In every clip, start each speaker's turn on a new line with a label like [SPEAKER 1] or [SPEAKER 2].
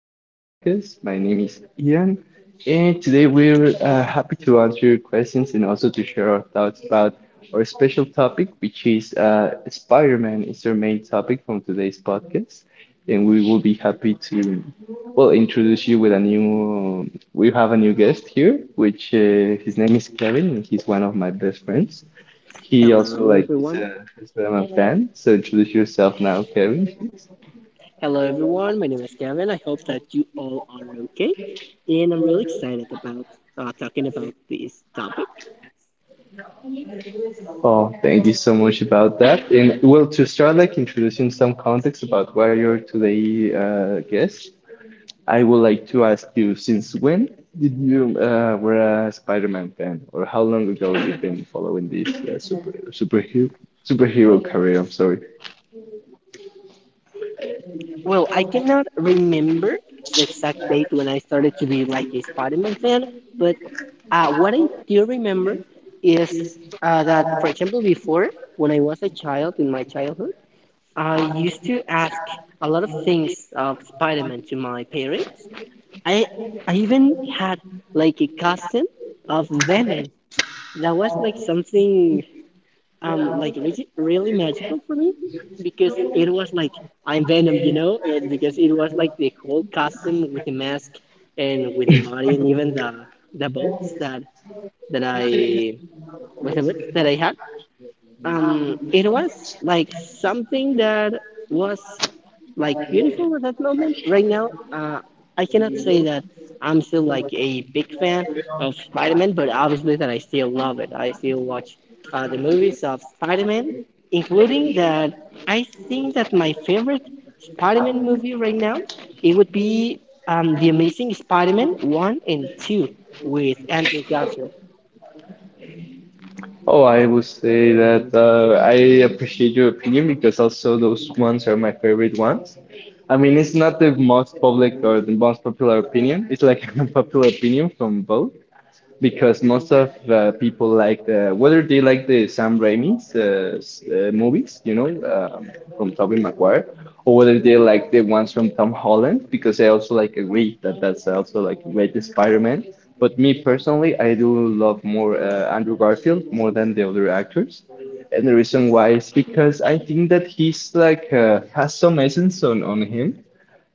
[SPEAKER 1] today's podcast. My name is Ian, and today we're happy to answer your questions and also to share our thoughts about our special topic, which is Spider-Man is our main topic from today's podcast. And we will be happy to, well, introduce you with we have a new guest here, which his name is Kevin, and he's one of my best friends. He also
[SPEAKER 2] Hello,
[SPEAKER 1] like is
[SPEAKER 2] everyone.
[SPEAKER 1] a Spider-Man fan, so introduce yourself now, Kevin.
[SPEAKER 2] My name is Kevin. I hope that you all are okay. And I'm really excited about talking about this topic.
[SPEAKER 1] Oh, thank you so much about that. And well, to start like introducing some context about why you're today guest, I would like to ask you, since when did you were a Spider-Man fan, or how long ago you've been following this superhero career? I'm sorry.
[SPEAKER 2] Well, I cannot remember the exact date when I started to be like a Spider Man fan, but what I do remember is that, for example, before when I was a child in my childhood, I used to ask a lot of things of Spider Man to my parents I I even had like a costume of Venom. That was like something like really, really magical for me because it was like I'm Venom, you know. And because it was like the whole costume with the mask and with the body and even the boots that that I with the boots that I had. It was like something that was like beautiful at that moment. Right now, I cannot say that I'm still like a big fan of Spider-Man, but obviously that I still love it. I still watch the movies of Spider-Man, including that I think that my favorite Spider-Man movie right now, it would be The Amazing Spider-Man 1 and 2 with Andrew Garfield.
[SPEAKER 1] Oh, I would say that I appreciate your opinion because also those ones are my favorite ones. I mean, it's not the most public or the most popular opinion. It's like an unpopular opinion from both, because most of people like the whether they like the Sam Raimi's movies, um, from Tobey Maguire, or whether they like the ones from Tom Holland, because I also like agree that that's also like great Spider-Man. But me personally, I do love more Andrew Garfield more than the other actors, and the reason why is because I think that he's like has some essence on him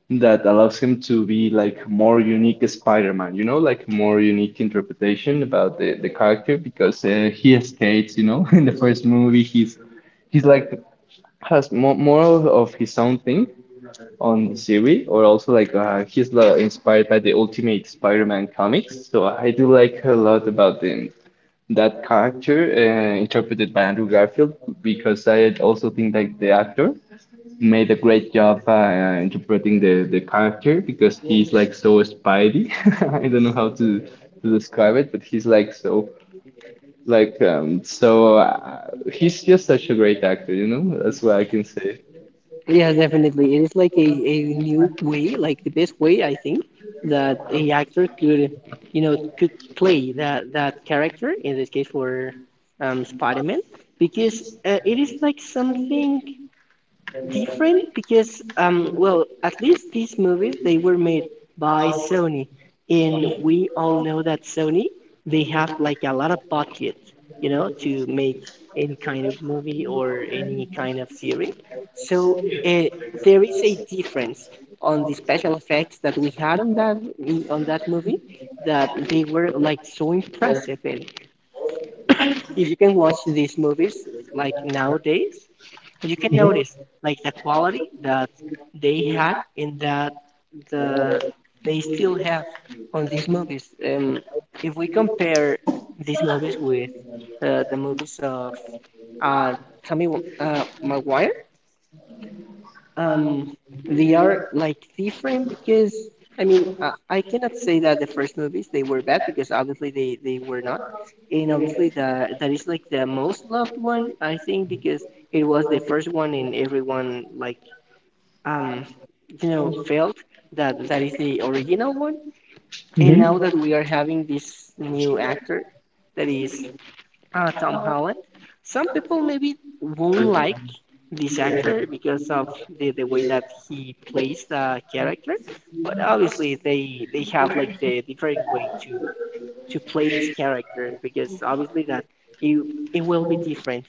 [SPEAKER 1] that allows him to be like more unique Spider-Man, like more unique interpretation about the character because he escapes, in the first movie he's like has more of, his own thing on the series or also like he's inspired by the Ultimate Spider-Man comics. So I do like a lot about that character interpreted by Andrew Garfield because I also think like the actor made a great job interpreting the character because he's like so spidey. I don't know how to describe it, but he's like so like um so uh, he's just such a great actor. That's what I can say.
[SPEAKER 2] Yes, definitely. It is like a new way, like the best way I think that a actor you know, could play that character, in this case for Spider-Man, because it is like something different. Because well, at least these movies, they were made by Sony, and we all know that Sony, they have like a lot of budget, you know, to make any kind of movie or any kind of series. So uh, there is a difference on the special effects that we had on that movie, that they were like so impressive. And if you can watch these movies like nowadays, but you can notice like the quality that they had in that the they still have on these movies. If we compare these movies with the movies of uh, Tommy Maguire, um they are like different. Because I mean, I cannot say that the first movies they were bad, because obviously they were not. And obviously the that is like the most loved one I think, because it was the first one, and everyone like um you know, felt that that is the original one. And
[SPEAKER 1] Mhm.
[SPEAKER 2] now that we are having this new actor, that is Tom Holland. Some people maybe won't like this actor because of the way that he plays the character, but obviously they have like the different way to play this character, because obviously that it it will be different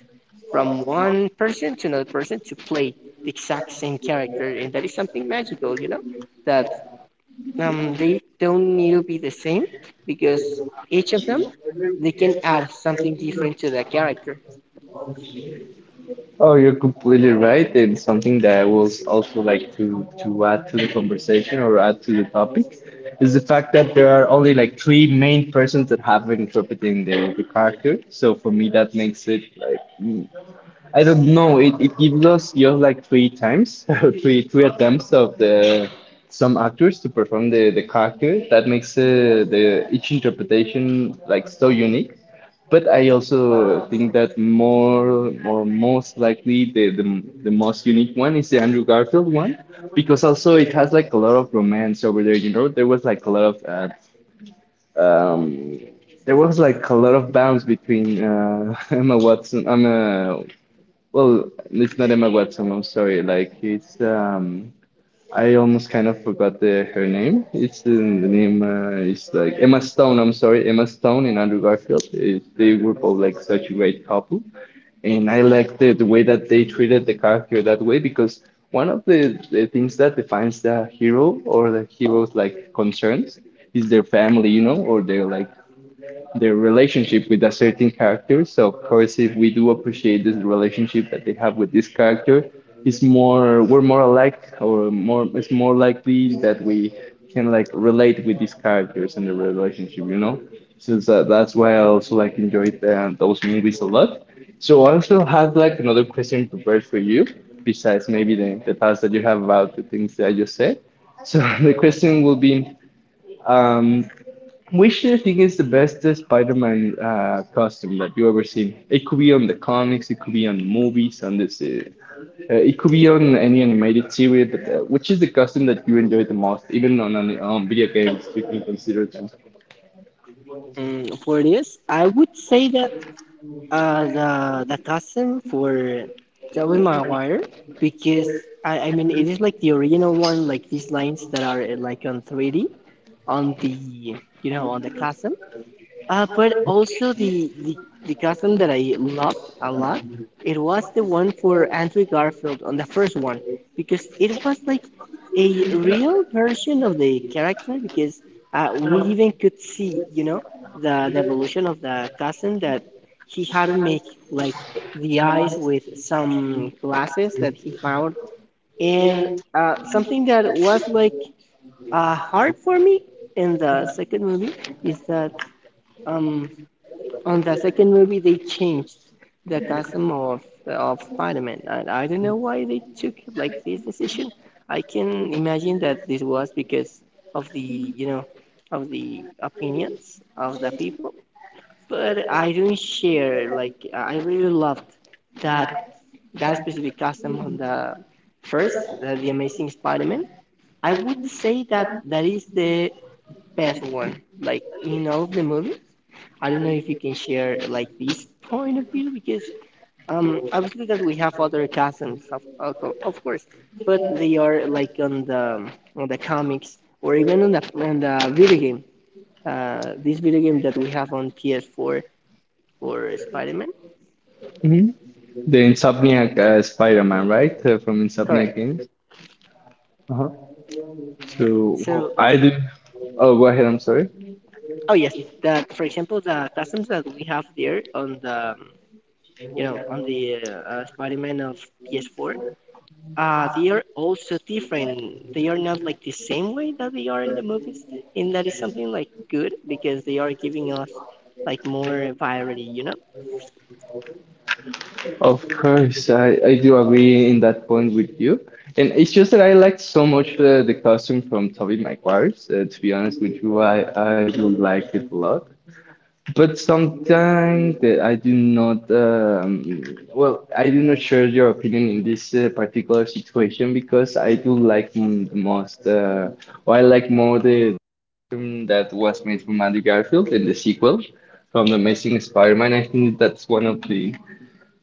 [SPEAKER 2] from one person to another person to play the exact same character. And that is something magical, you know, that they don't need to be the same, because each of them, they can add something different to the character.
[SPEAKER 1] Oh, you're completely right, and something that I will also like to add to the conversation or add to the topic is the fact that there are only like three main persons that have been interpreting the character. So for me, that makes it like I don't know. It gives us just like three times, three attempts of the some actors to perform the character. That makes the each interpretation like so unique. But I also think that more or most likely the most unique one is the Andrew Garfield one because also it has like a lot of romance over there. There was like a lot of. Um, there was like a lot of bounce between Emma Watson, Emma well, it's not Emma Watson. I'm sorry. Like it's I almost kind of forgot the her name. It's in the name is like Emma Stone. I'm sorry, Emma Stone and Andrew Garfield. They were both like such a great couple, and I like the way that they treated the character that way because one of the things that defines the hero or the hero's like concerns is their family, or their relationship with a certain character. So of course, if we do appreciate this relationship that they have with this character, it's more we're more alike or more it's more likely that we can like relate with these characters and the relationship. So that's why I also like enjoyed those movies a lot. So I also have like another question prepared for you, besides maybe the thoughts that you have about the things that I just said. So the question will be, um, which do you think is the best Spider-Man costume that you ever seen? It could be on the comics, it could be on the movies, it could be on any animated series. But which is the costume that you enjoy the most, even on an, on video games, if you can consider them?
[SPEAKER 2] Mm, for this, I would say that the cousin for Tobey Maguire. Because I mean, it is like the original one, like these lines that are like on 3D on the, you know, on the cousin. But also the custom that I loved a lot, it was the one for Andrew Garfield on the first one. Because it was like a real version of the character, because we even could see, you know, the evolution of the custom that he had to make, like the eyes with some glasses that he found. And something that was like hard for me in the second movie is that um on the second movie they changed the costume of Spider-Man, and I don't know why they took like this decision. I can imagine that this was because of the you know, of the opinions of the people. But I don't share, like I really loved that that specific costume on the first, The Amazing Spider-Man. I would say that that is the best one, like in all of the movies. I don't know if you can share like this point of view, because obviously that we have other cousins of course, but they are like on the comics, or even on the video game. This video game that we have on PS4 for Spider-Man.
[SPEAKER 1] Mhm. The Insomniac Spider-Man, right? From
[SPEAKER 2] Correct.
[SPEAKER 1] Insomniac Games. Uh-huh. So
[SPEAKER 2] So
[SPEAKER 1] I did. Oh, go ahead. I'm sorry.
[SPEAKER 2] oh yes, that for example the cousins that we have there on the you know, on the Spider-Man of PS4, they are also different. They are not like the same way that they are in the movies. And that is something like good, because they are giving us like more variety, you know.
[SPEAKER 1] Of course, I do agree in that point with you. And it's just that I liked so much the costume from Tobey Maguire's. To be honest with you, I do like it a lot. But sometimes that I do not, well, I do not share your opinion in this particular situation because I do like m the most, or I like more the film that was made from Andrew Garfield in the sequel from The Amazing Spider-Man. I think that's one of the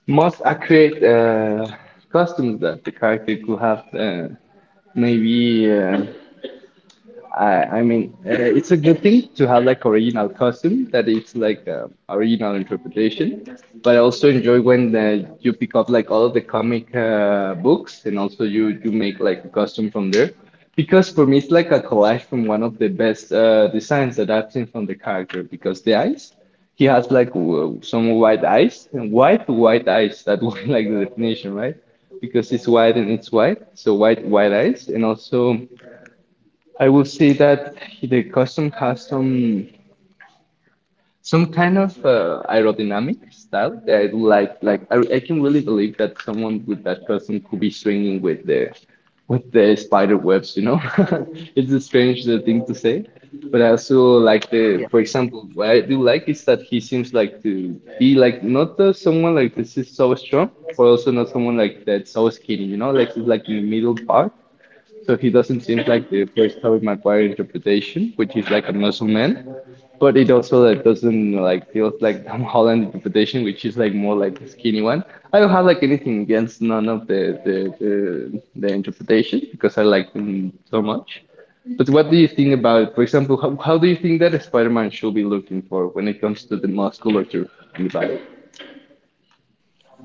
[SPEAKER 1] most accurate costumes that the character could have maybe I mean, it's a good thing to have like original custom that it's like original interpretation, but I also enjoy when you pick up like all of the comic books and also you make like a custom from there, because for me it's like a collage from one of the best designs that I've seen from the character because the eyes. He has like some white eyes, and white white eyes. That was like the definition, right? Because it's white and it's white, so white white eyes, and also I would say that the custom has some kind of aerodynamic style that I like. Like I can really believe that someone with that custom could be swinging with the spider webs. It's a strange thing to say, but I also like the.
[SPEAKER 2] Yeah.
[SPEAKER 1] For example, what I do like is that he seems like to be like not someone like this is so strong, but also not someone like that's so skinny. Like he's like in the middle part so he doesn't seem like the first Tobey Maguire interpretation, which is like a muscle man. But it also like doesn't like feels like Tom Holland interpretation, which is like more like a skinny one. I don't have like anything against none of the the, the interpretation because I like them so much. But what do you think about, for example, how do you think that a Spider-Man should be looking for when it comes to the musculature in the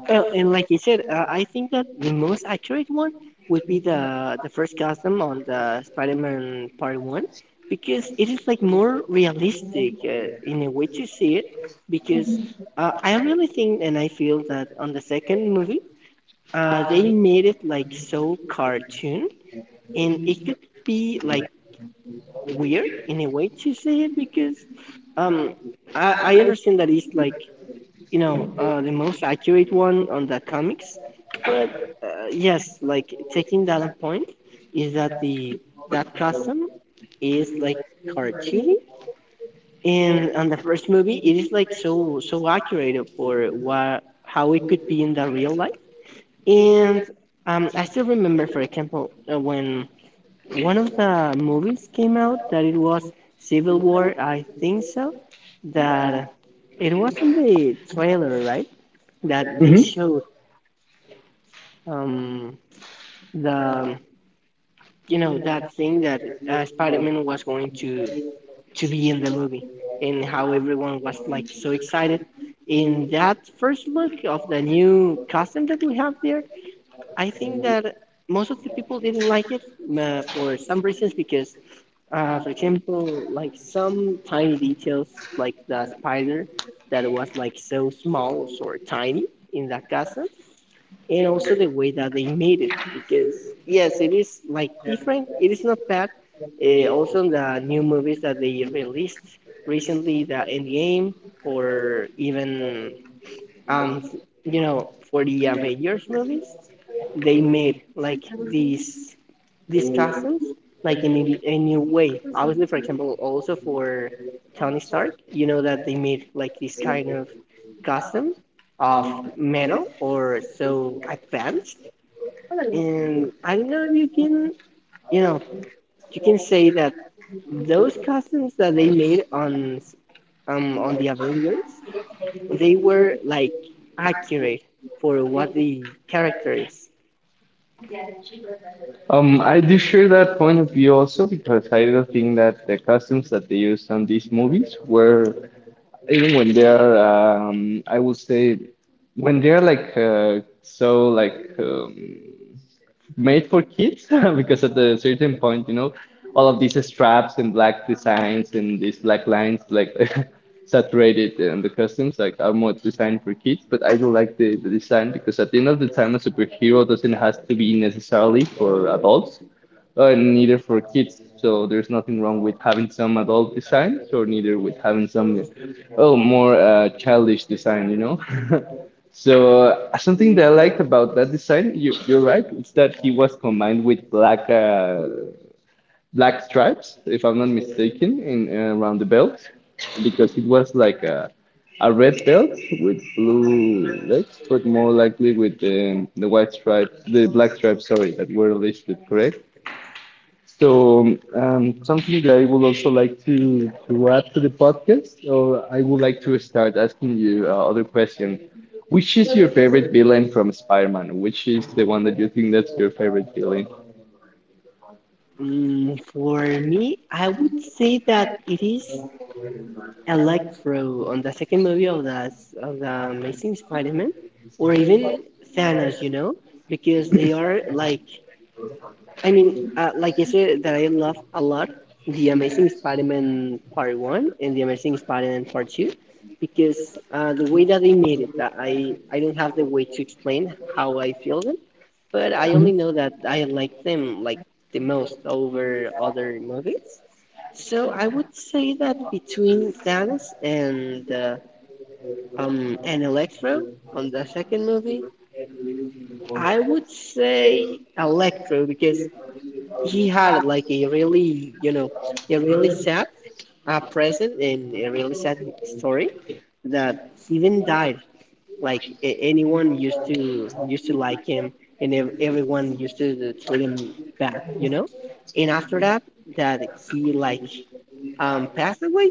[SPEAKER 2] And like you said, I think that the most accurate one would be the first custom on the Spider-Man Part One, because it is like more realistic in a way to see it. Because I really think and I feel that on the second movie, they made it like so cartoon, and it could be like weird in a way to say it, because um I understand that it's like, you know, the most accurate one on the comics. But yes, like taking that on point, is that the that custom is like cartoony. And on the first movie it is like so so accurate for what how it could be in the real life. And I still remember for example when one of the movies came out that it was Civil War, I think so. That it wasn't the trailer, right? That they
[SPEAKER 1] body?
[SPEAKER 2] showed um, the you know, that thing that Spider-Man was going to be in the movie, and how everyone was like so excited. In that first look of the new costume that we have there, I think that most of the people didn't like it for some reasons. Because uh, for example, like some tiny details, like the spider that was like so small or so tiny in that casa. And also the way that they made it. Because yes, it is like different. It is not bad. Also, the new movies that they released recently, the Endgame, or even um, you know, for the Avengers movies, they made like these these costumes like in a new way. Obviously, for example, also for Tony Stark, you know, that they made like this kind of costume of metal or so advanced. And I don't know if you can, you know, you can say that those costumes that they made on the Avengers, they were like accurate for what the character is.
[SPEAKER 1] I do share that point of view also because I do think that the costumes that they used on these movies were even when they're I would say when they're like so like made for kids because at a certain point you know all of these straps and black designs and these black lines like saturated and the costumes like are more designed for kids, but I do like the design because at the end of the time a superhero doesn't has to be necessarily for adults, neither for kids. So there's nothing wrong with having some adult designs, or neither with having some, oh, more childish design. You know. So something that I liked about that design, you're right, it's that he was combined with black black stripes, if I'm not mistaken, in around the belt, because it was like a red belt with blue legs, but more likely with the white stripes, the black stripes, sorry, that were listed, correct? So, something that I would also like to add to the podcast, or I would like to start asking you other question. Which is your favorite villain from Spider-Man? Which is the one that you think that's your favorite villain?
[SPEAKER 2] Mm, for me, I would say that it is Electro on the second movie of the Amazing Spider-Man, or even Thanos, you know. Because they are like, I mean, like I said, that I love a lot the Amazing Spider-Man Part One and the Amazing Spider-Man Part Two, because the way that they made it, that I don't have the way to explain how I feel them. But I only
[SPEAKER 1] Mhm.
[SPEAKER 2] know that I like them like the most over other movies. So I would say that between Thanos and Electro on the second movie, I would say Electro, because he had like a really, you know, a really sad present and a really sad story, that he even died. Like anyone used to like him, and everyone used to treat him bad, you know. And after that, that he like passed away,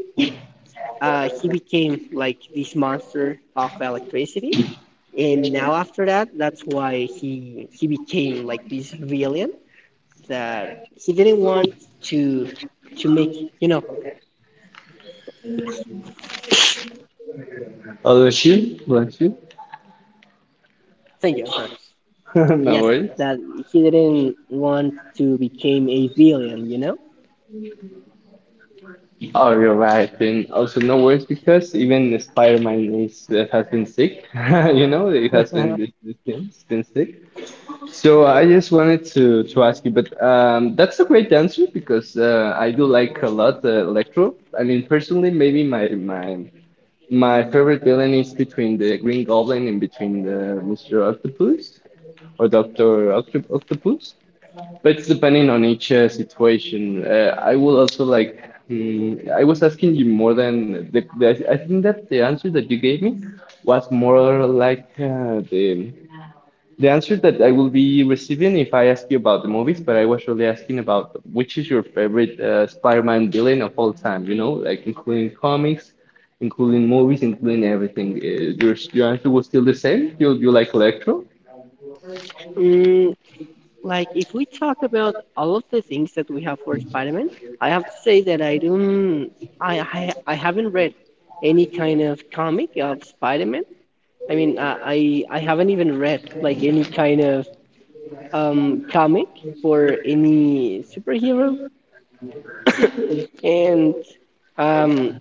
[SPEAKER 2] he became like this monster of electricity. And now after that, that's why he became like this villain, that he didn't want to to make, you know.
[SPEAKER 1] Oh, that's you? Bless you.
[SPEAKER 2] Thank you, I'm sorry.
[SPEAKER 1] No
[SPEAKER 2] Yes,
[SPEAKER 1] worries.
[SPEAKER 2] that he didn't want to become a villain, you know.
[SPEAKER 1] Oh, you're right. And also, no worries because even Spider-Man is has been sick. He has been this this thing, been sick. So I just wanted to ask you, but that's a great answer because I do like a lot Electro. I mean, personally, maybe my favorite villain is between the Green Goblin and between the Mr. Octopus or Doctor Octopus. But it's depending on each situation. I will also like. I was asking you more than the. I think that the answer that you gave me was more like the answer that I will be receiving if I ask you about the movies, but I was really asking about which is your favorite Spider-Man villain of all time, you know, like including comics, including movies, including everything. Your answer was still the same? You like Electro?
[SPEAKER 2] mm, like if we talk about all of the things that we have for Spider-Man, I have to say that I don't I haven't read any kind of comic of Spider-Man. I mean I haven't even read like any kind of comic for any superhero. And um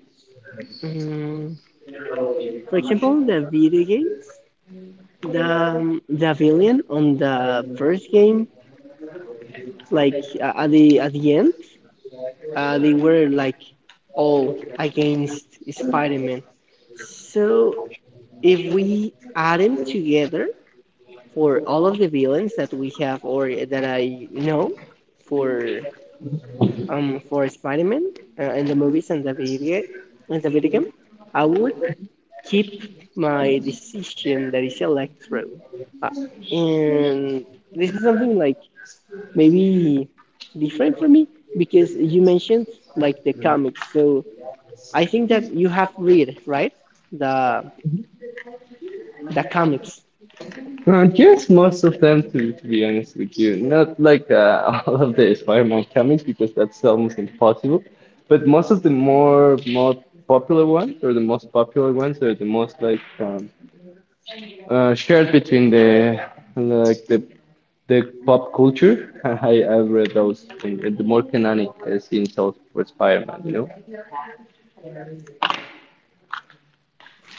[SPEAKER 2] mm, for example, the video games, the villain on the first game, like at the end, they were like all against Spider-Man. So if we add them together for all of the villains that we have, or that I know for for Spider-Man in the movies and the video game, I would keep my decision that is Electro. Uh, and this is something like maybe different for me, because you mentioned like the comics. So I think that you have read, right? The the comics.
[SPEAKER 1] Yes, most of them, to be honest with you. Not like all of the Spider-Man comics, because that's almost impossible. But most of the more popular ones, or the most popular ones, or the most like shared between the like the pop culture. I've read those in the more canonic scenes of for Spider-Man, you know.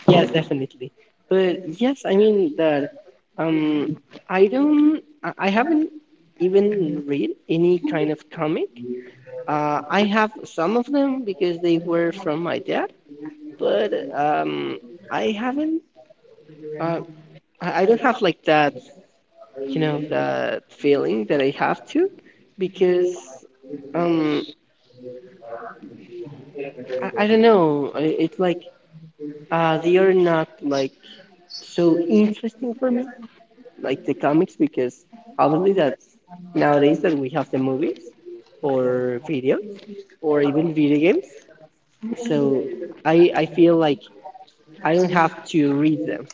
[SPEAKER 2] Yes, definitely. But yes, I mean that um I don't I haven't even read any kind of comic. I have some of them because they were from my dad, but I haven't. Uh, I don't have like that, you know, that feeling that I have to, because um, I don't know. I, it's like they are not like so interesting for me, like the comics, because obviously that's nowadays that we have the movies or videos or even video games. So I feel like I don't have to read them.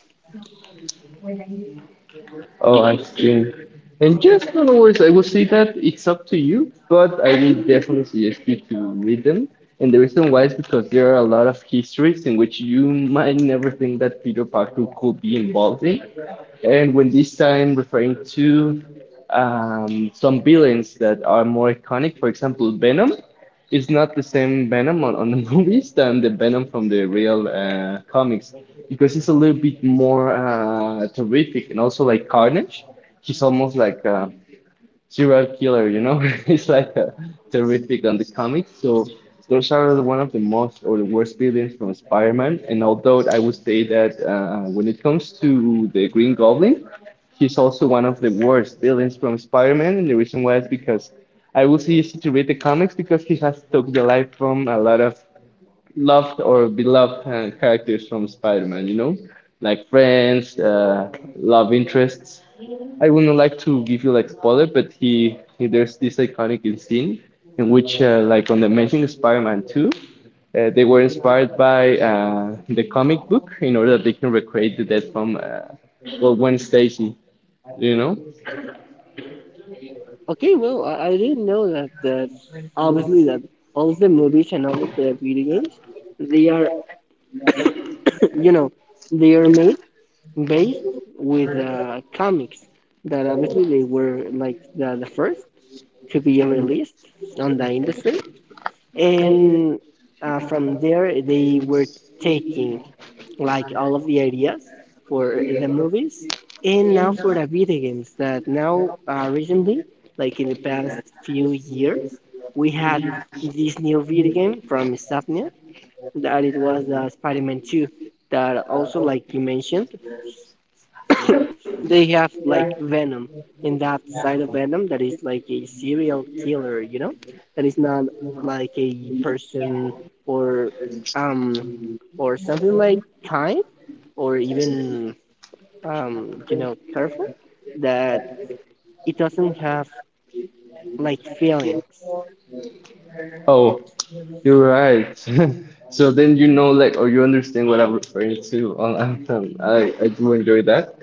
[SPEAKER 1] Oh, I've seen. And just no worries, I will say that it's up to you, but I will definitely suggest you to read them. And the reason why is because there are a lot of histories in which you might never think that Peter Parker could be involved in. And when this time referring to some villains that are more iconic, for example, Venom. It's not the same Venom on the movies than the Venom from the real comics because it's a little bit more terrific and also like Carnage. He's almost like a serial killer, you know? He's like a terrific on the comics. So those are one of the most or the worst villains from Spider-Man. And although I would say that when it comes to the Green Goblin, he's also one of the worst villains from Spider-Man, and the reason why is because I was easy to read the comics because he has took the life from a lot of loved or beloved characters from Spider-Man, you know, like friends, love interests. I wouldn't like to give you like spoiler, but he there's this iconic scene in which like on the Amazing Spider-Man 2, they were inspired by the comic book in order that they can recreate the death from well, Gwen Stacy you know?
[SPEAKER 2] Okay, well, I didn't know that obviously that all of the movies and all of the video games, they are, you know, they are made based with comics that obviously they were like the first to be released on the industry, and from there they were taking like all of the ideas for the movies and now for the video games that now recently like in the past few years we had this new video game from Insomniac that it was Spider-Man 2 that also like you mentioned they have like Venom, and that side of Venom that is like a serial killer, you know, that is not like a person or um or something like kind or even you know careful that it doesn't have like feelings.
[SPEAKER 1] Oh, you're right. So then you know, like, or you understand what I'm referring to on Anthem. I do enjoy that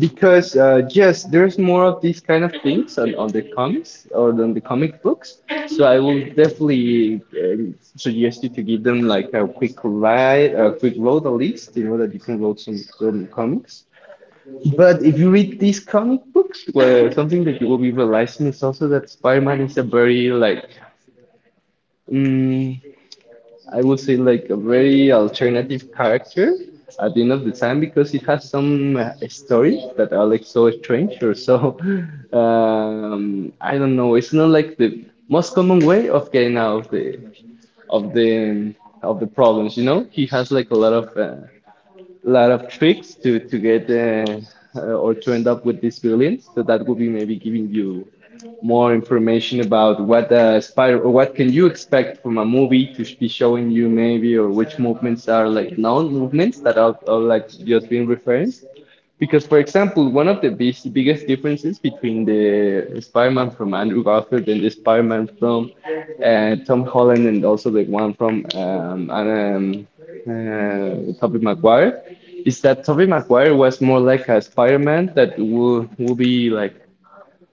[SPEAKER 1] because yes, there's more of these kind of things on the comics or on the comic books. So I will definitely suggest you to give them like a quick ride, a quick road at least, you know, that you can load some comics. But if you read these comic books, well, something that you will be realizing is also that Spider-Man is a very like. mm, I would say like a very alternative character at the end of the time because it has some stories that are like so strange or so I don't know. It's not like the most common way of getting out of the of the of the problems. You know, he has like a lot of tricks to get or to end up with these billions. So that will be maybe giving you more information about what aspire or what can you expect from a movie to sh- be showing you maybe or which movements are like known movements that are like just being referenced. Because, for example, one of the biggest differences between the Spider-Man from Andrew Garfield and the Spider-Man from Tom Holland and also the one from Tobey Maguire is that Tobey Maguire was more like a Spider-Man that will be like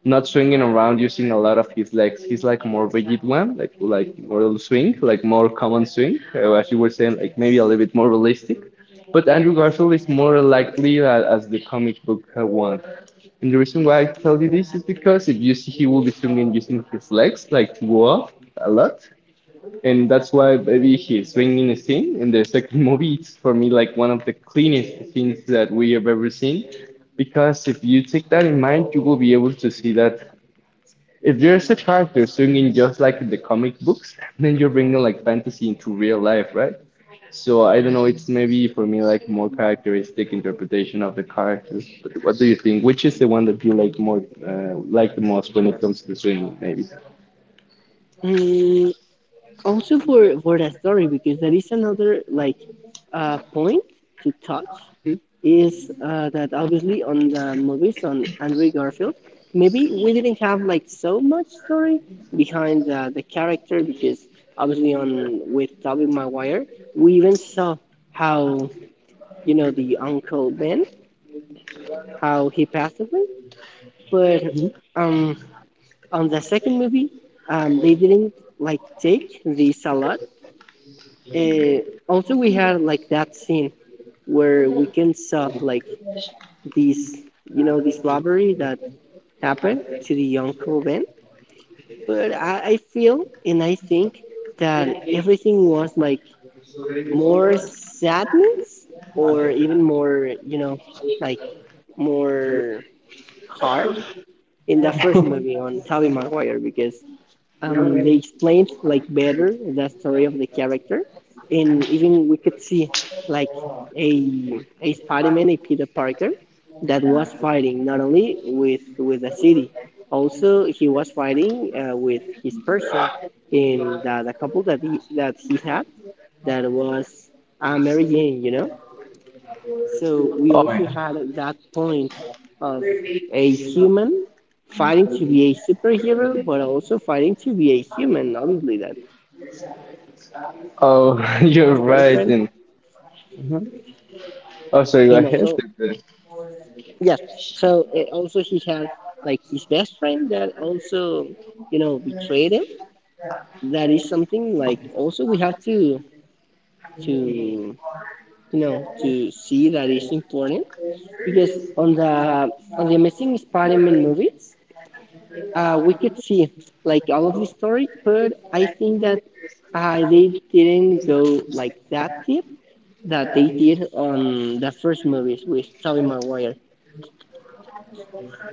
[SPEAKER 1] not swinging around using a lot of his legs. He's like more rigid one, like more swing, like more common swing, as you were saying, like maybe a little bit more realistic. But Andrew Garfield is more likely a- as the comic book one. And the reason why I tell you this is because if you see, he will be swinging using his legs, like to go off a lot and that's why maybe his swinging scene in the second movie is for me like one of the cleanest scenes that we have ever seen because if you take that in mind you will be able to see that if there's a character swinging just like in the comic books then you're bringing like fantasy into real life, right? So I don't know, it's maybe for me like more characteristic interpretation of the characters. But what do you think, which is the one that you like more like the most when it comes to swinging maybe?
[SPEAKER 2] Mm, also for that story because there is another like point to touch is that obviously on the movies on Andrew Garfield, maybe we didn't have like so much story behind the character because obviously on with Tobey Maguire, we even saw how you know the Uncle Ben how he passed away, but um, on the second movie, they didn't like take this a lot. Uh, also, we had like that scene where Weekend saw like these, you know, this robbery that happened to the Uncle Ben. But I feel and I think that everything was like more sadness or even more, you know, like more hard in the first movie on Tobey Maguire because they explained like better the story of the character, and even we could see like a Spider-Man, a Peter Parker, that was fighting not only with the city, also he was fighting with his person in the couple that he had, that was Mary Jane, you know, so we
[SPEAKER 1] Oh,
[SPEAKER 2] also had at that point of a human fighting to be a superhero, but also fighting to be a human. Obviously, that he had his studies, he
[SPEAKER 1] oh
[SPEAKER 2] had his
[SPEAKER 1] you're
[SPEAKER 2] girlfriend,
[SPEAKER 1] right. and Oh, sorry, go
[SPEAKER 2] and
[SPEAKER 1] ahead.
[SPEAKER 2] also yes. So also he had like his best friend that also you know betrayed him. That is something like also we have to to you know to see that is important because on the Amazing Spider-Man movies we could see like all of the story, but I think that they didn't go like that deep that they did on the first movies with Tobey Maguire.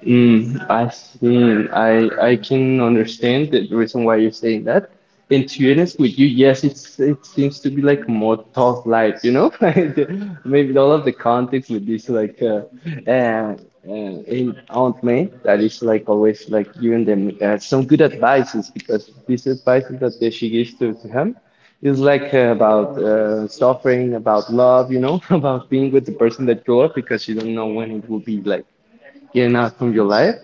[SPEAKER 1] I see. I can understand the reason why you're saying that. And to be honest with you, yes, it's it seems to be like more tough life, you know? Like the- maybe all of the context with this like uh, in Aunt May that is like always like giving them some good advices because this advice that they- she gives to him is like about suffering, about love, you know, about being with the person that you love because you don't know when it will be like getting out from your life.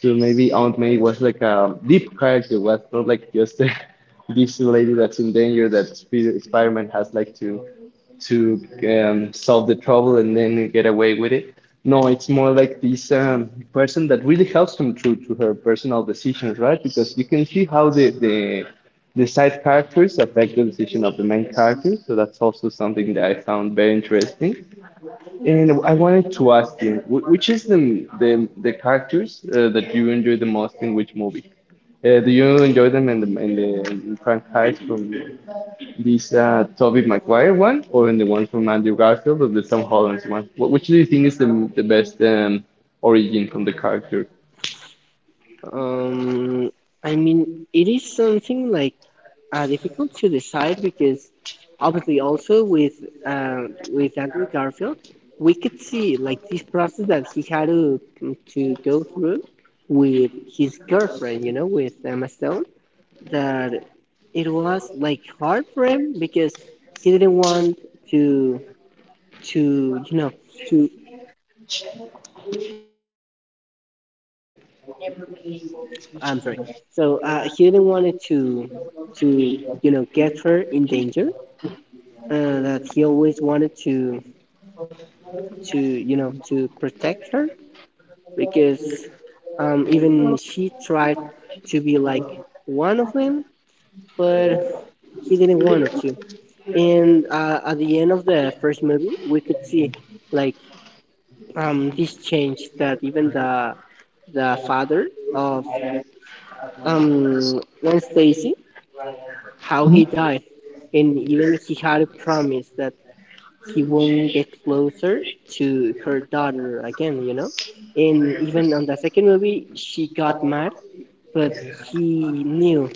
[SPEAKER 1] So maybe Aunt May was like a deep character, was not like just a this lady that's in danger that Sp- Spider-Man has like to solve the trouble and then get away with it. No, it's more like this person that really helps him through to her personal decisions, right? Because you can see how the side characters affect the decision of the main character. So that's also something that I found very interesting. And I wanted to ask you, wh- which is the characters that you enjoy the most in which movie? Do you enjoy them in the in the in franchise from this Tobey Maguire one, or in the one from Andrew Garfield, or the Tom Holland's one? Wh- Which do you think is the best origin from the character?
[SPEAKER 2] Um, I mean, it is something like difficult to decide because obviously also uh, with Andrew Garfield, we could see like this process that he had to go through with his girlfriend, you know, with Emma Stone that it was like hard for him because he didn't want to you know to I'm sorry. So he didn't want it to to you know get her in danger. That he always wanted to you know to protect her because even she tried to be like one of them, but he didn't want it to. And at the end of the first movie, we could see like this changed that even the father of Gwen Stacy how he died and even he had a promise that he won't get closer to her daughter again, you know, and even on the second movie she got mad, but he knew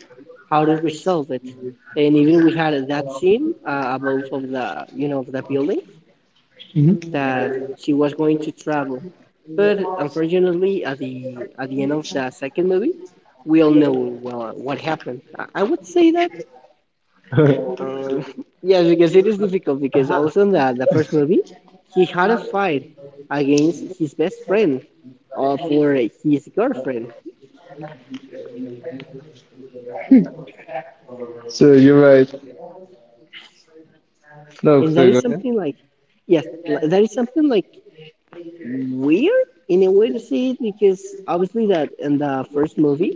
[SPEAKER 2] how to resolve it, and even we had that scene above of the you know of the building that she was going to travel. But unfortunately, at the end of the second movie, we all know well what happened. I would say that uh, yes, because it is difficult because also in the first movie, he had a fight against his best friend for his girlfriend,
[SPEAKER 1] So you're right. No,
[SPEAKER 2] and
[SPEAKER 1] so
[SPEAKER 2] that
[SPEAKER 1] go
[SPEAKER 2] is
[SPEAKER 1] ahead.
[SPEAKER 2] something like yes, that is something like weird in a way to say it because obviously that in the first movie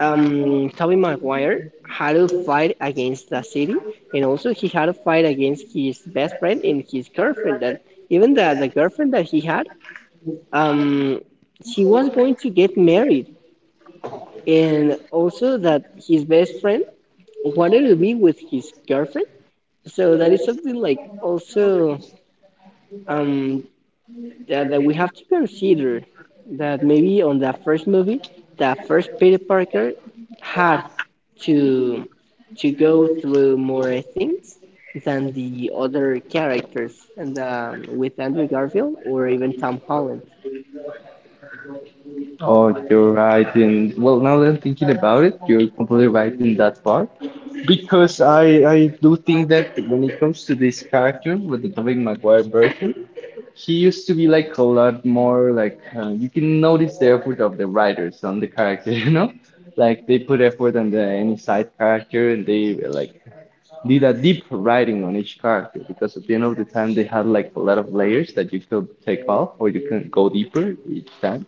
[SPEAKER 2] Tobey Maguire had to fight against the city, and also he had to fight against his best friend and his girlfriend. That even the girlfriend that he had, um, she was going to get married, and also that his best friend wanted to be with his girlfriend. So that is something like also um that, that we have to consider that maybe on the first movie, the first Peter Parker had to go through more things than the other characters, and with Andrew Garfield or even Tom Holland.
[SPEAKER 1] Oh, you're right. In well, now that I'm thinking about it, you're completely right in that part. Because I do think that when it comes to this character with the Tobey Maguire version, he used to be like a lot more like you can notice the effort of the writers on the character, you know, like they put effort on the any side character and they like did a deep writing on each character because at the end of the time they had like a lot of layers that you could take off or you can go deeper each time.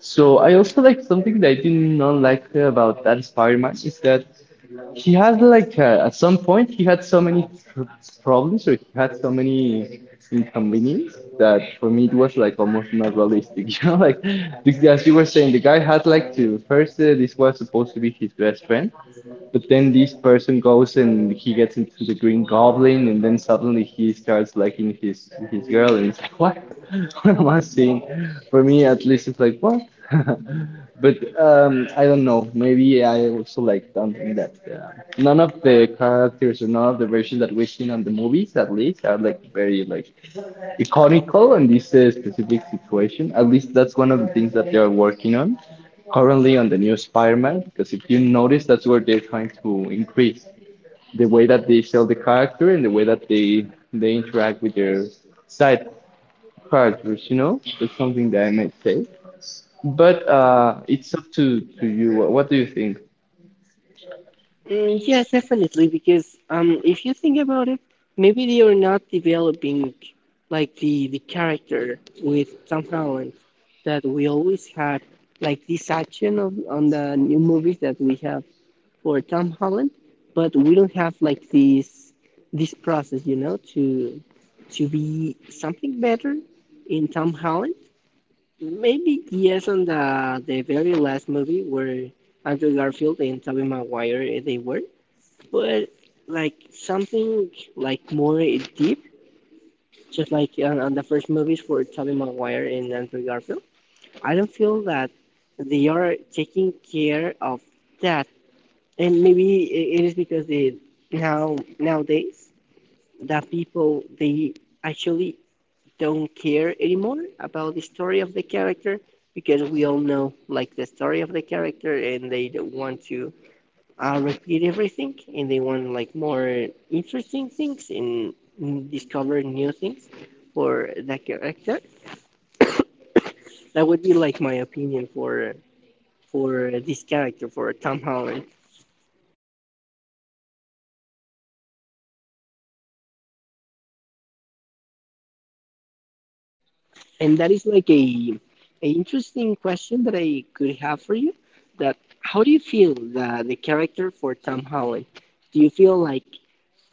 [SPEAKER 1] So I also like something that I did not like about that Spider-Man is that he had like at some point he had so many tr problems or he had so many inconvenience that for me it was like almost not realistic. You know, like the- as you were saying, the guy had like to first this was supposed to be his best friend, but then this person goes and he gets into the Green Goblin, and then suddenly he starts liking his girl, and it's like, what? What am I seeing? For me, at least, it's like what? But I don't know. Maybe I also like something that none of the characters or none of the versions that we've seen on the movies, at least, are like very like economical in this specific situation. At least that's one of the things that they are working on currently on the new Spider-Man. Because if you notice, that's where they're trying to increase the way that they sell the character and the way that they interact with their side characters. You know, that's something that I might say. But it's up to you. What, do you think?
[SPEAKER 2] Mm, yes, definitely, because if you think about it, maybe they are not developing like the character with Tom Holland that we always had like this action of on the new movies that we have for Tom Holland, but we don't have like this process, you know, to be something better in Tom Holland. Maybe yes, on the very last movie where Andrew Garfield and Tobey Maguire they were, but like something like more deep, just like on the first movies for Tobey Maguire and Andrew Garfield. I don't feel that they are taking care of that, and maybe it is because the now nowadays that people they actually don't care anymore about the story of the character because we all know like the story of the character and they don't want to repeat everything, and they want like more interesting things and discover new things for that character. That would be like my opinion for this character for Tom Holland. And that is like a interesting question that I could have for you. That how do you feel the character for Tom Holland? Do you feel like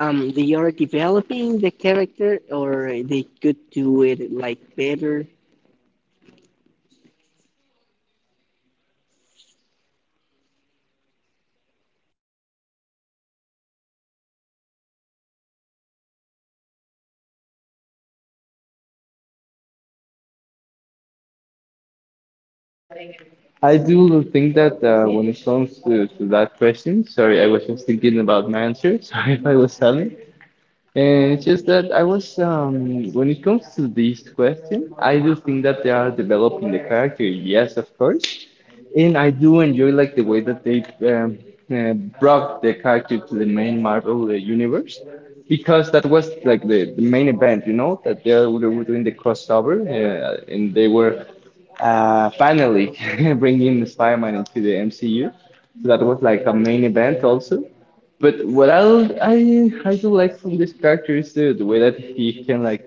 [SPEAKER 2] they are developing the character or they could do it like better?
[SPEAKER 1] I do think that when it comes to that question, sorry, I was just thinking about my answer. Sorry if I was silent. And it's just that I was, when it comes to this question, I do think that they are developing the character, yes, of course. And I do enjoy like the way that they um, uh, brought the character to the main Marvel universe, because that was like the main event, you know, that they were doing the crossover, and they were finally bringing Spider-Man into the MCU. So that was like a main event also. But what I do like from this character is the way that he can like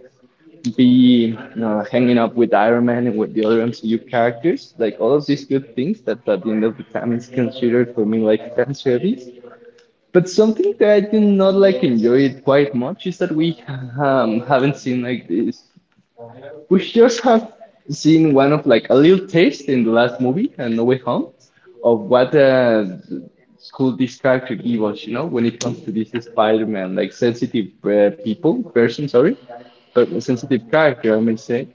[SPEAKER 1] be hanging up with Iron Man and with the other MCU characters, like all of these good things that at the end of the time is considered for me like fan service. But something that I did not like enjoy it quite much is that we haven't seen like this we just have seen one of like a little taste in the last movie and No Way Home of what could this character give us, you know, when it comes to this Spider-Man, like sensitive people, person, sorry, but a sensitive character, I may say,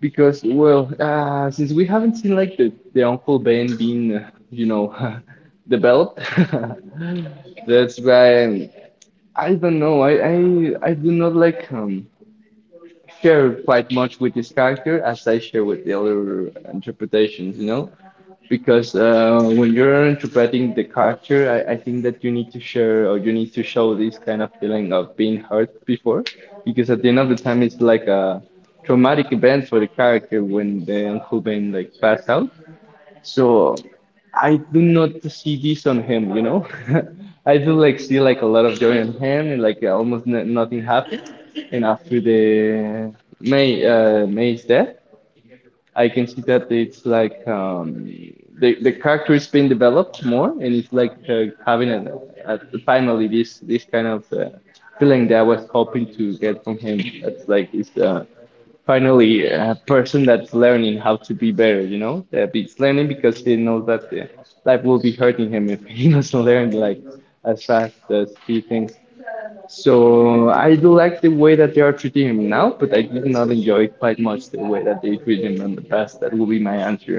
[SPEAKER 1] because well, since we haven't seen like the Uncle Ben being, developed, that's why I don't know. I do not like share quite much with this character as I share with the other interpretations, you know? Because when you're interpreting the character, I think that you need to share or you need to show this kind of feeling of being hurt before. Because at the end of the time, it's like a traumatic event for the character when the Uncle Ben like passed out. So I do not see this on him. I do like see like a lot of joy on him and like almost n nothing happened. And after the May May's death, I can see that it's like the character is being developed more, and it's like having a finally this kind of feeling that I was hoping to get from him. That's like it's finally a person that's learning how to be better, you know? That it's learning because he knows that life will be hurting him if he doesn't learn like as fast as he thinks. So I do like the way that they are treating him now, but I did not enjoy quite much the way that they treat him in the past. That will be my answer.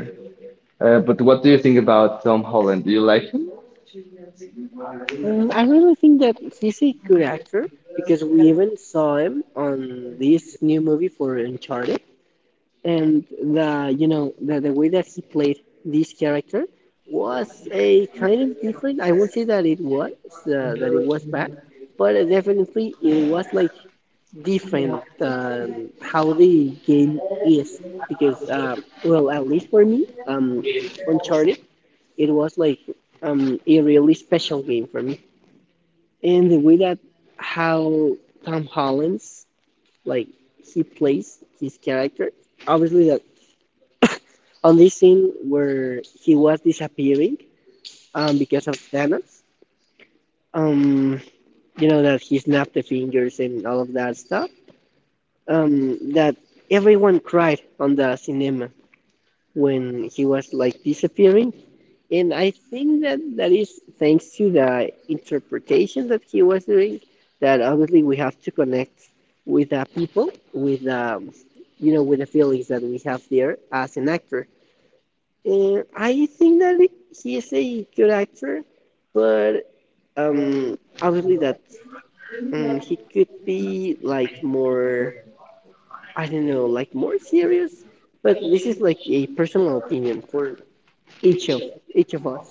[SPEAKER 1] But what do you think about Tom Holland? Do you like him?
[SPEAKER 2] Mm, I really think that he's a good actor because we even saw him on this new movie for Uncharted, and the you know the way that he played this character was a kind of different. I won't say that it was bad, but definitely it was like different than how the game is because well at least for me Uncharted it was like a really special game for me, and the way that how Tom Holland's like he plays his character. Obviously that on this scene where he was disappearing because of Thanos. Um, you know that he snapped the fingers and all of that stuff. That everyone cried on the cinema when he was like disappearing, and I think that that is thanks to the interpretation that he was doing. That obviously we have to connect with the people, with the you know, with the feelings that we have there as an actor. I think that he is a good actor, but obviously that he could be like more, I don't know, like more serious. But this is like a personal opinion for each of each of us.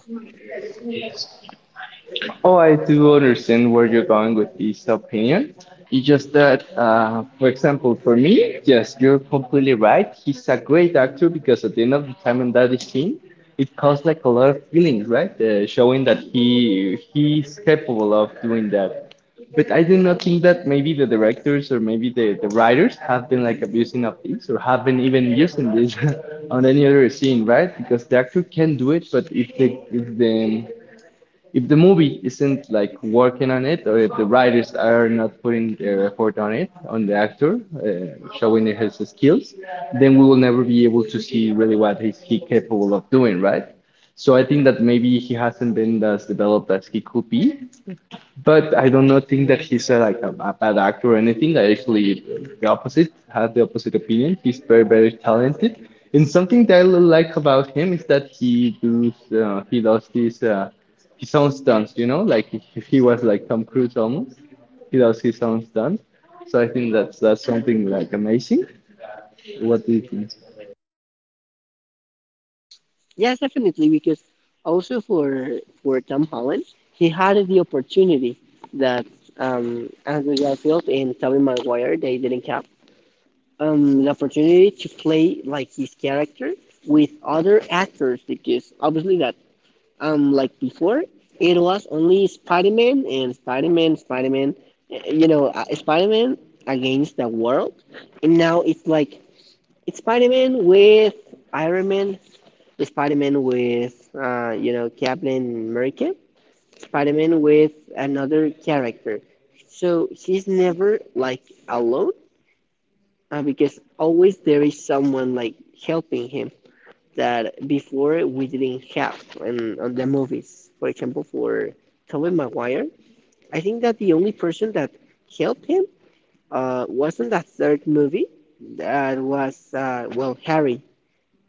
[SPEAKER 1] Oh, I do understand where you're going with this opinion. It's just that, for example, for me, yes, you're completely right. He's a great actor because at the end of the time in that scene, it caused like a lot of feelings, right? Showing that he's capable of doing that. But I do not think that maybe the directors or maybe the writers have been like abusing of this or have been even using this on any other scene, right? Because the actor can do it, but if the movie isn't like working on it, or if the writers are not putting their effort on it, on the actor, showing his skills, then we will never be able to see really what is he capable of doing, right? So I think that maybe he hasn't been as developed as he could be, but I do not think that he's like a bad actor or anything. I actually the opposite have the opposite opinion. He's very very talented. And something that I like about him is that he does these his own stunts. You know, like if he was like Tom Cruise almost. He does his own stunts. So I think that's something like amazing. What do you think?
[SPEAKER 2] Yes, definitely, because also for Tom Holland, he had the opportunity that Andrew Garfield and Tobey Maguire they didn't have. The opportunity to play like his character with other actors because obviously that like before it was only Spider-Man and you know, Spider-Man against the world, and now it's like it's Spider-Man with Iron Man, Spider-Man with you know Captain America, Spider-Man with another character. So he's never like alone because always there is someone like helping him that before we didn't have in on the movies. For example, for Tobey Maguire, I think that the only person that helped him wasn't that third movie. That was well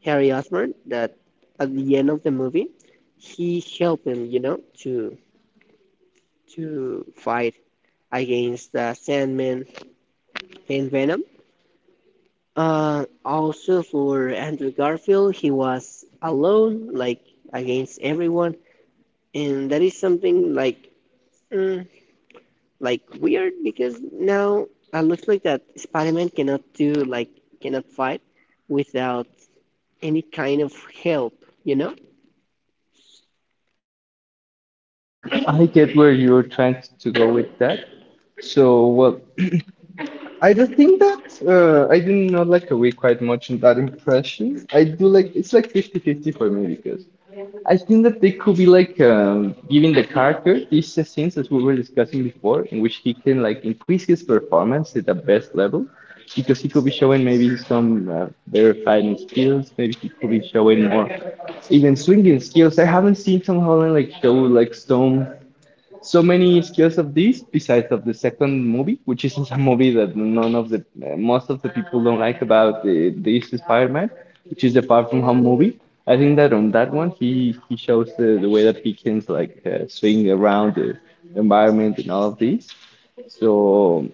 [SPEAKER 2] Harry Osborn. That at the end of the movie, he helped him, you know, to fight against Sandman and Venom. Also for Andrew Garfield, he was alone, like against everyone, and that is something like, mm, like weird because now it looks like that Spider-Man cannot do like cannot fight without any kind of help, you know?
[SPEAKER 1] I get where you're trying to go with that. So well, I don't think that I did not like away quite much in that impression. I do like it's like fifty-fifty for me because I think that they could be like giving the character these scenes that we were discussing before, in which he can like increase his performance at the best level, because he could be showing maybe some better fighting skills. Maybe he could be showing more even swinging skills. I haven't seen Tom Holland like show like some so many skills of these besides of the second movie which is a movie that none of the most of the people don't like about this Spider-Man, which is the Far From Home movie. I think that on that one he shows the way that he can like swing around the environment and all of these. So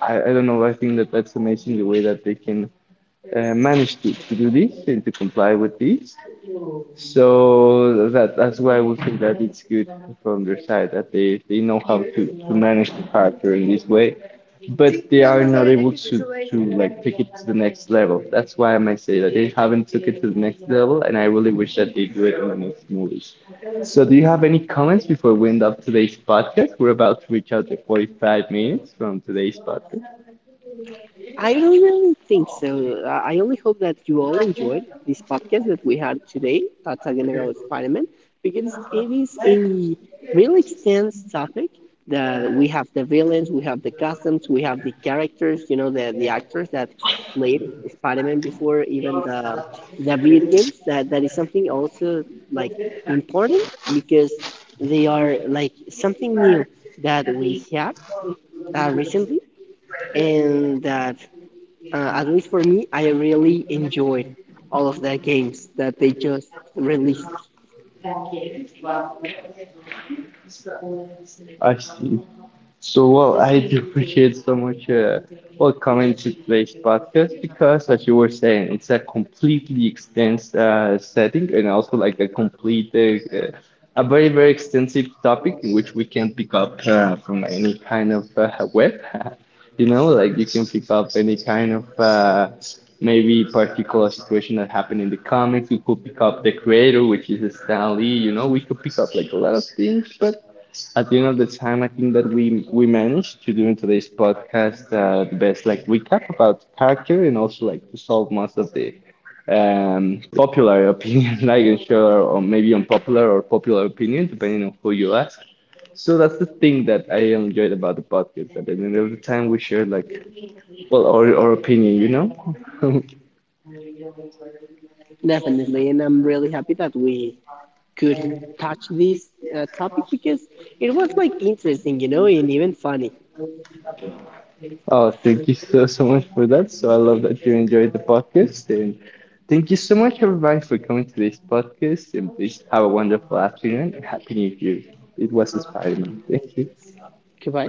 [SPEAKER 1] I don't know. I think that's amazing the way that they can manage to do this and to comply with this. So that's why we think that it's good from their side that they know how to manage the character in this way, but they are not able to like take it to the next level. That's why I might say that they haven't took it to the next level, and I really wish that they do it in the next movies. So do you have any comments before we end up today's podcast? We're about to reach out to 45 minutes from today's podcast.
[SPEAKER 2] I don't really think so. I only hope that you all enjoyed this podcast that we had today talking about Spider Man because it is a really extensive topic that we have the villains, we have the costumes, we have the characters, you know, the actors that played Spider Man before, even the video games. That is something also like important because they are like something new that we had recently and that at least for me, I really enjoyed all of the games that they just released.
[SPEAKER 1] I see. So, well, I do appreciate so much, well, coming to today's podcast because, as you were saying, it's a completely extensive setting and also like a very, very extensive topic in which we can pick up from any kind of web. You know, like you can pick up any kind of maybe particular situation that happened in the comics. We could pick up the creator, which is Stan Lee. You know, we could pick up like a lot of things, but at the end of the time, I think that we managed to do in today's podcast the best like recap about character and also like to solve most of the popular opinion, like unsure or maybe unpopular or popular opinion, depending on who you ask. So that's the thing that I enjoyed about the podcast. That at the end of the time, we share like well our opinion.
[SPEAKER 2] Definitely, and I'm really happy that we could touch this topic because it was like interesting, you know, and even funny.
[SPEAKER 1] Oh, thank you so, so much for that. So I love that you enjoyed the podcast. And thank you so much, everybody, for coming to this podcast. And please have a wonderful afternoon and Happy New Year. It was Spider Man. Thank you.
[SPEAKER 2] Goodbye.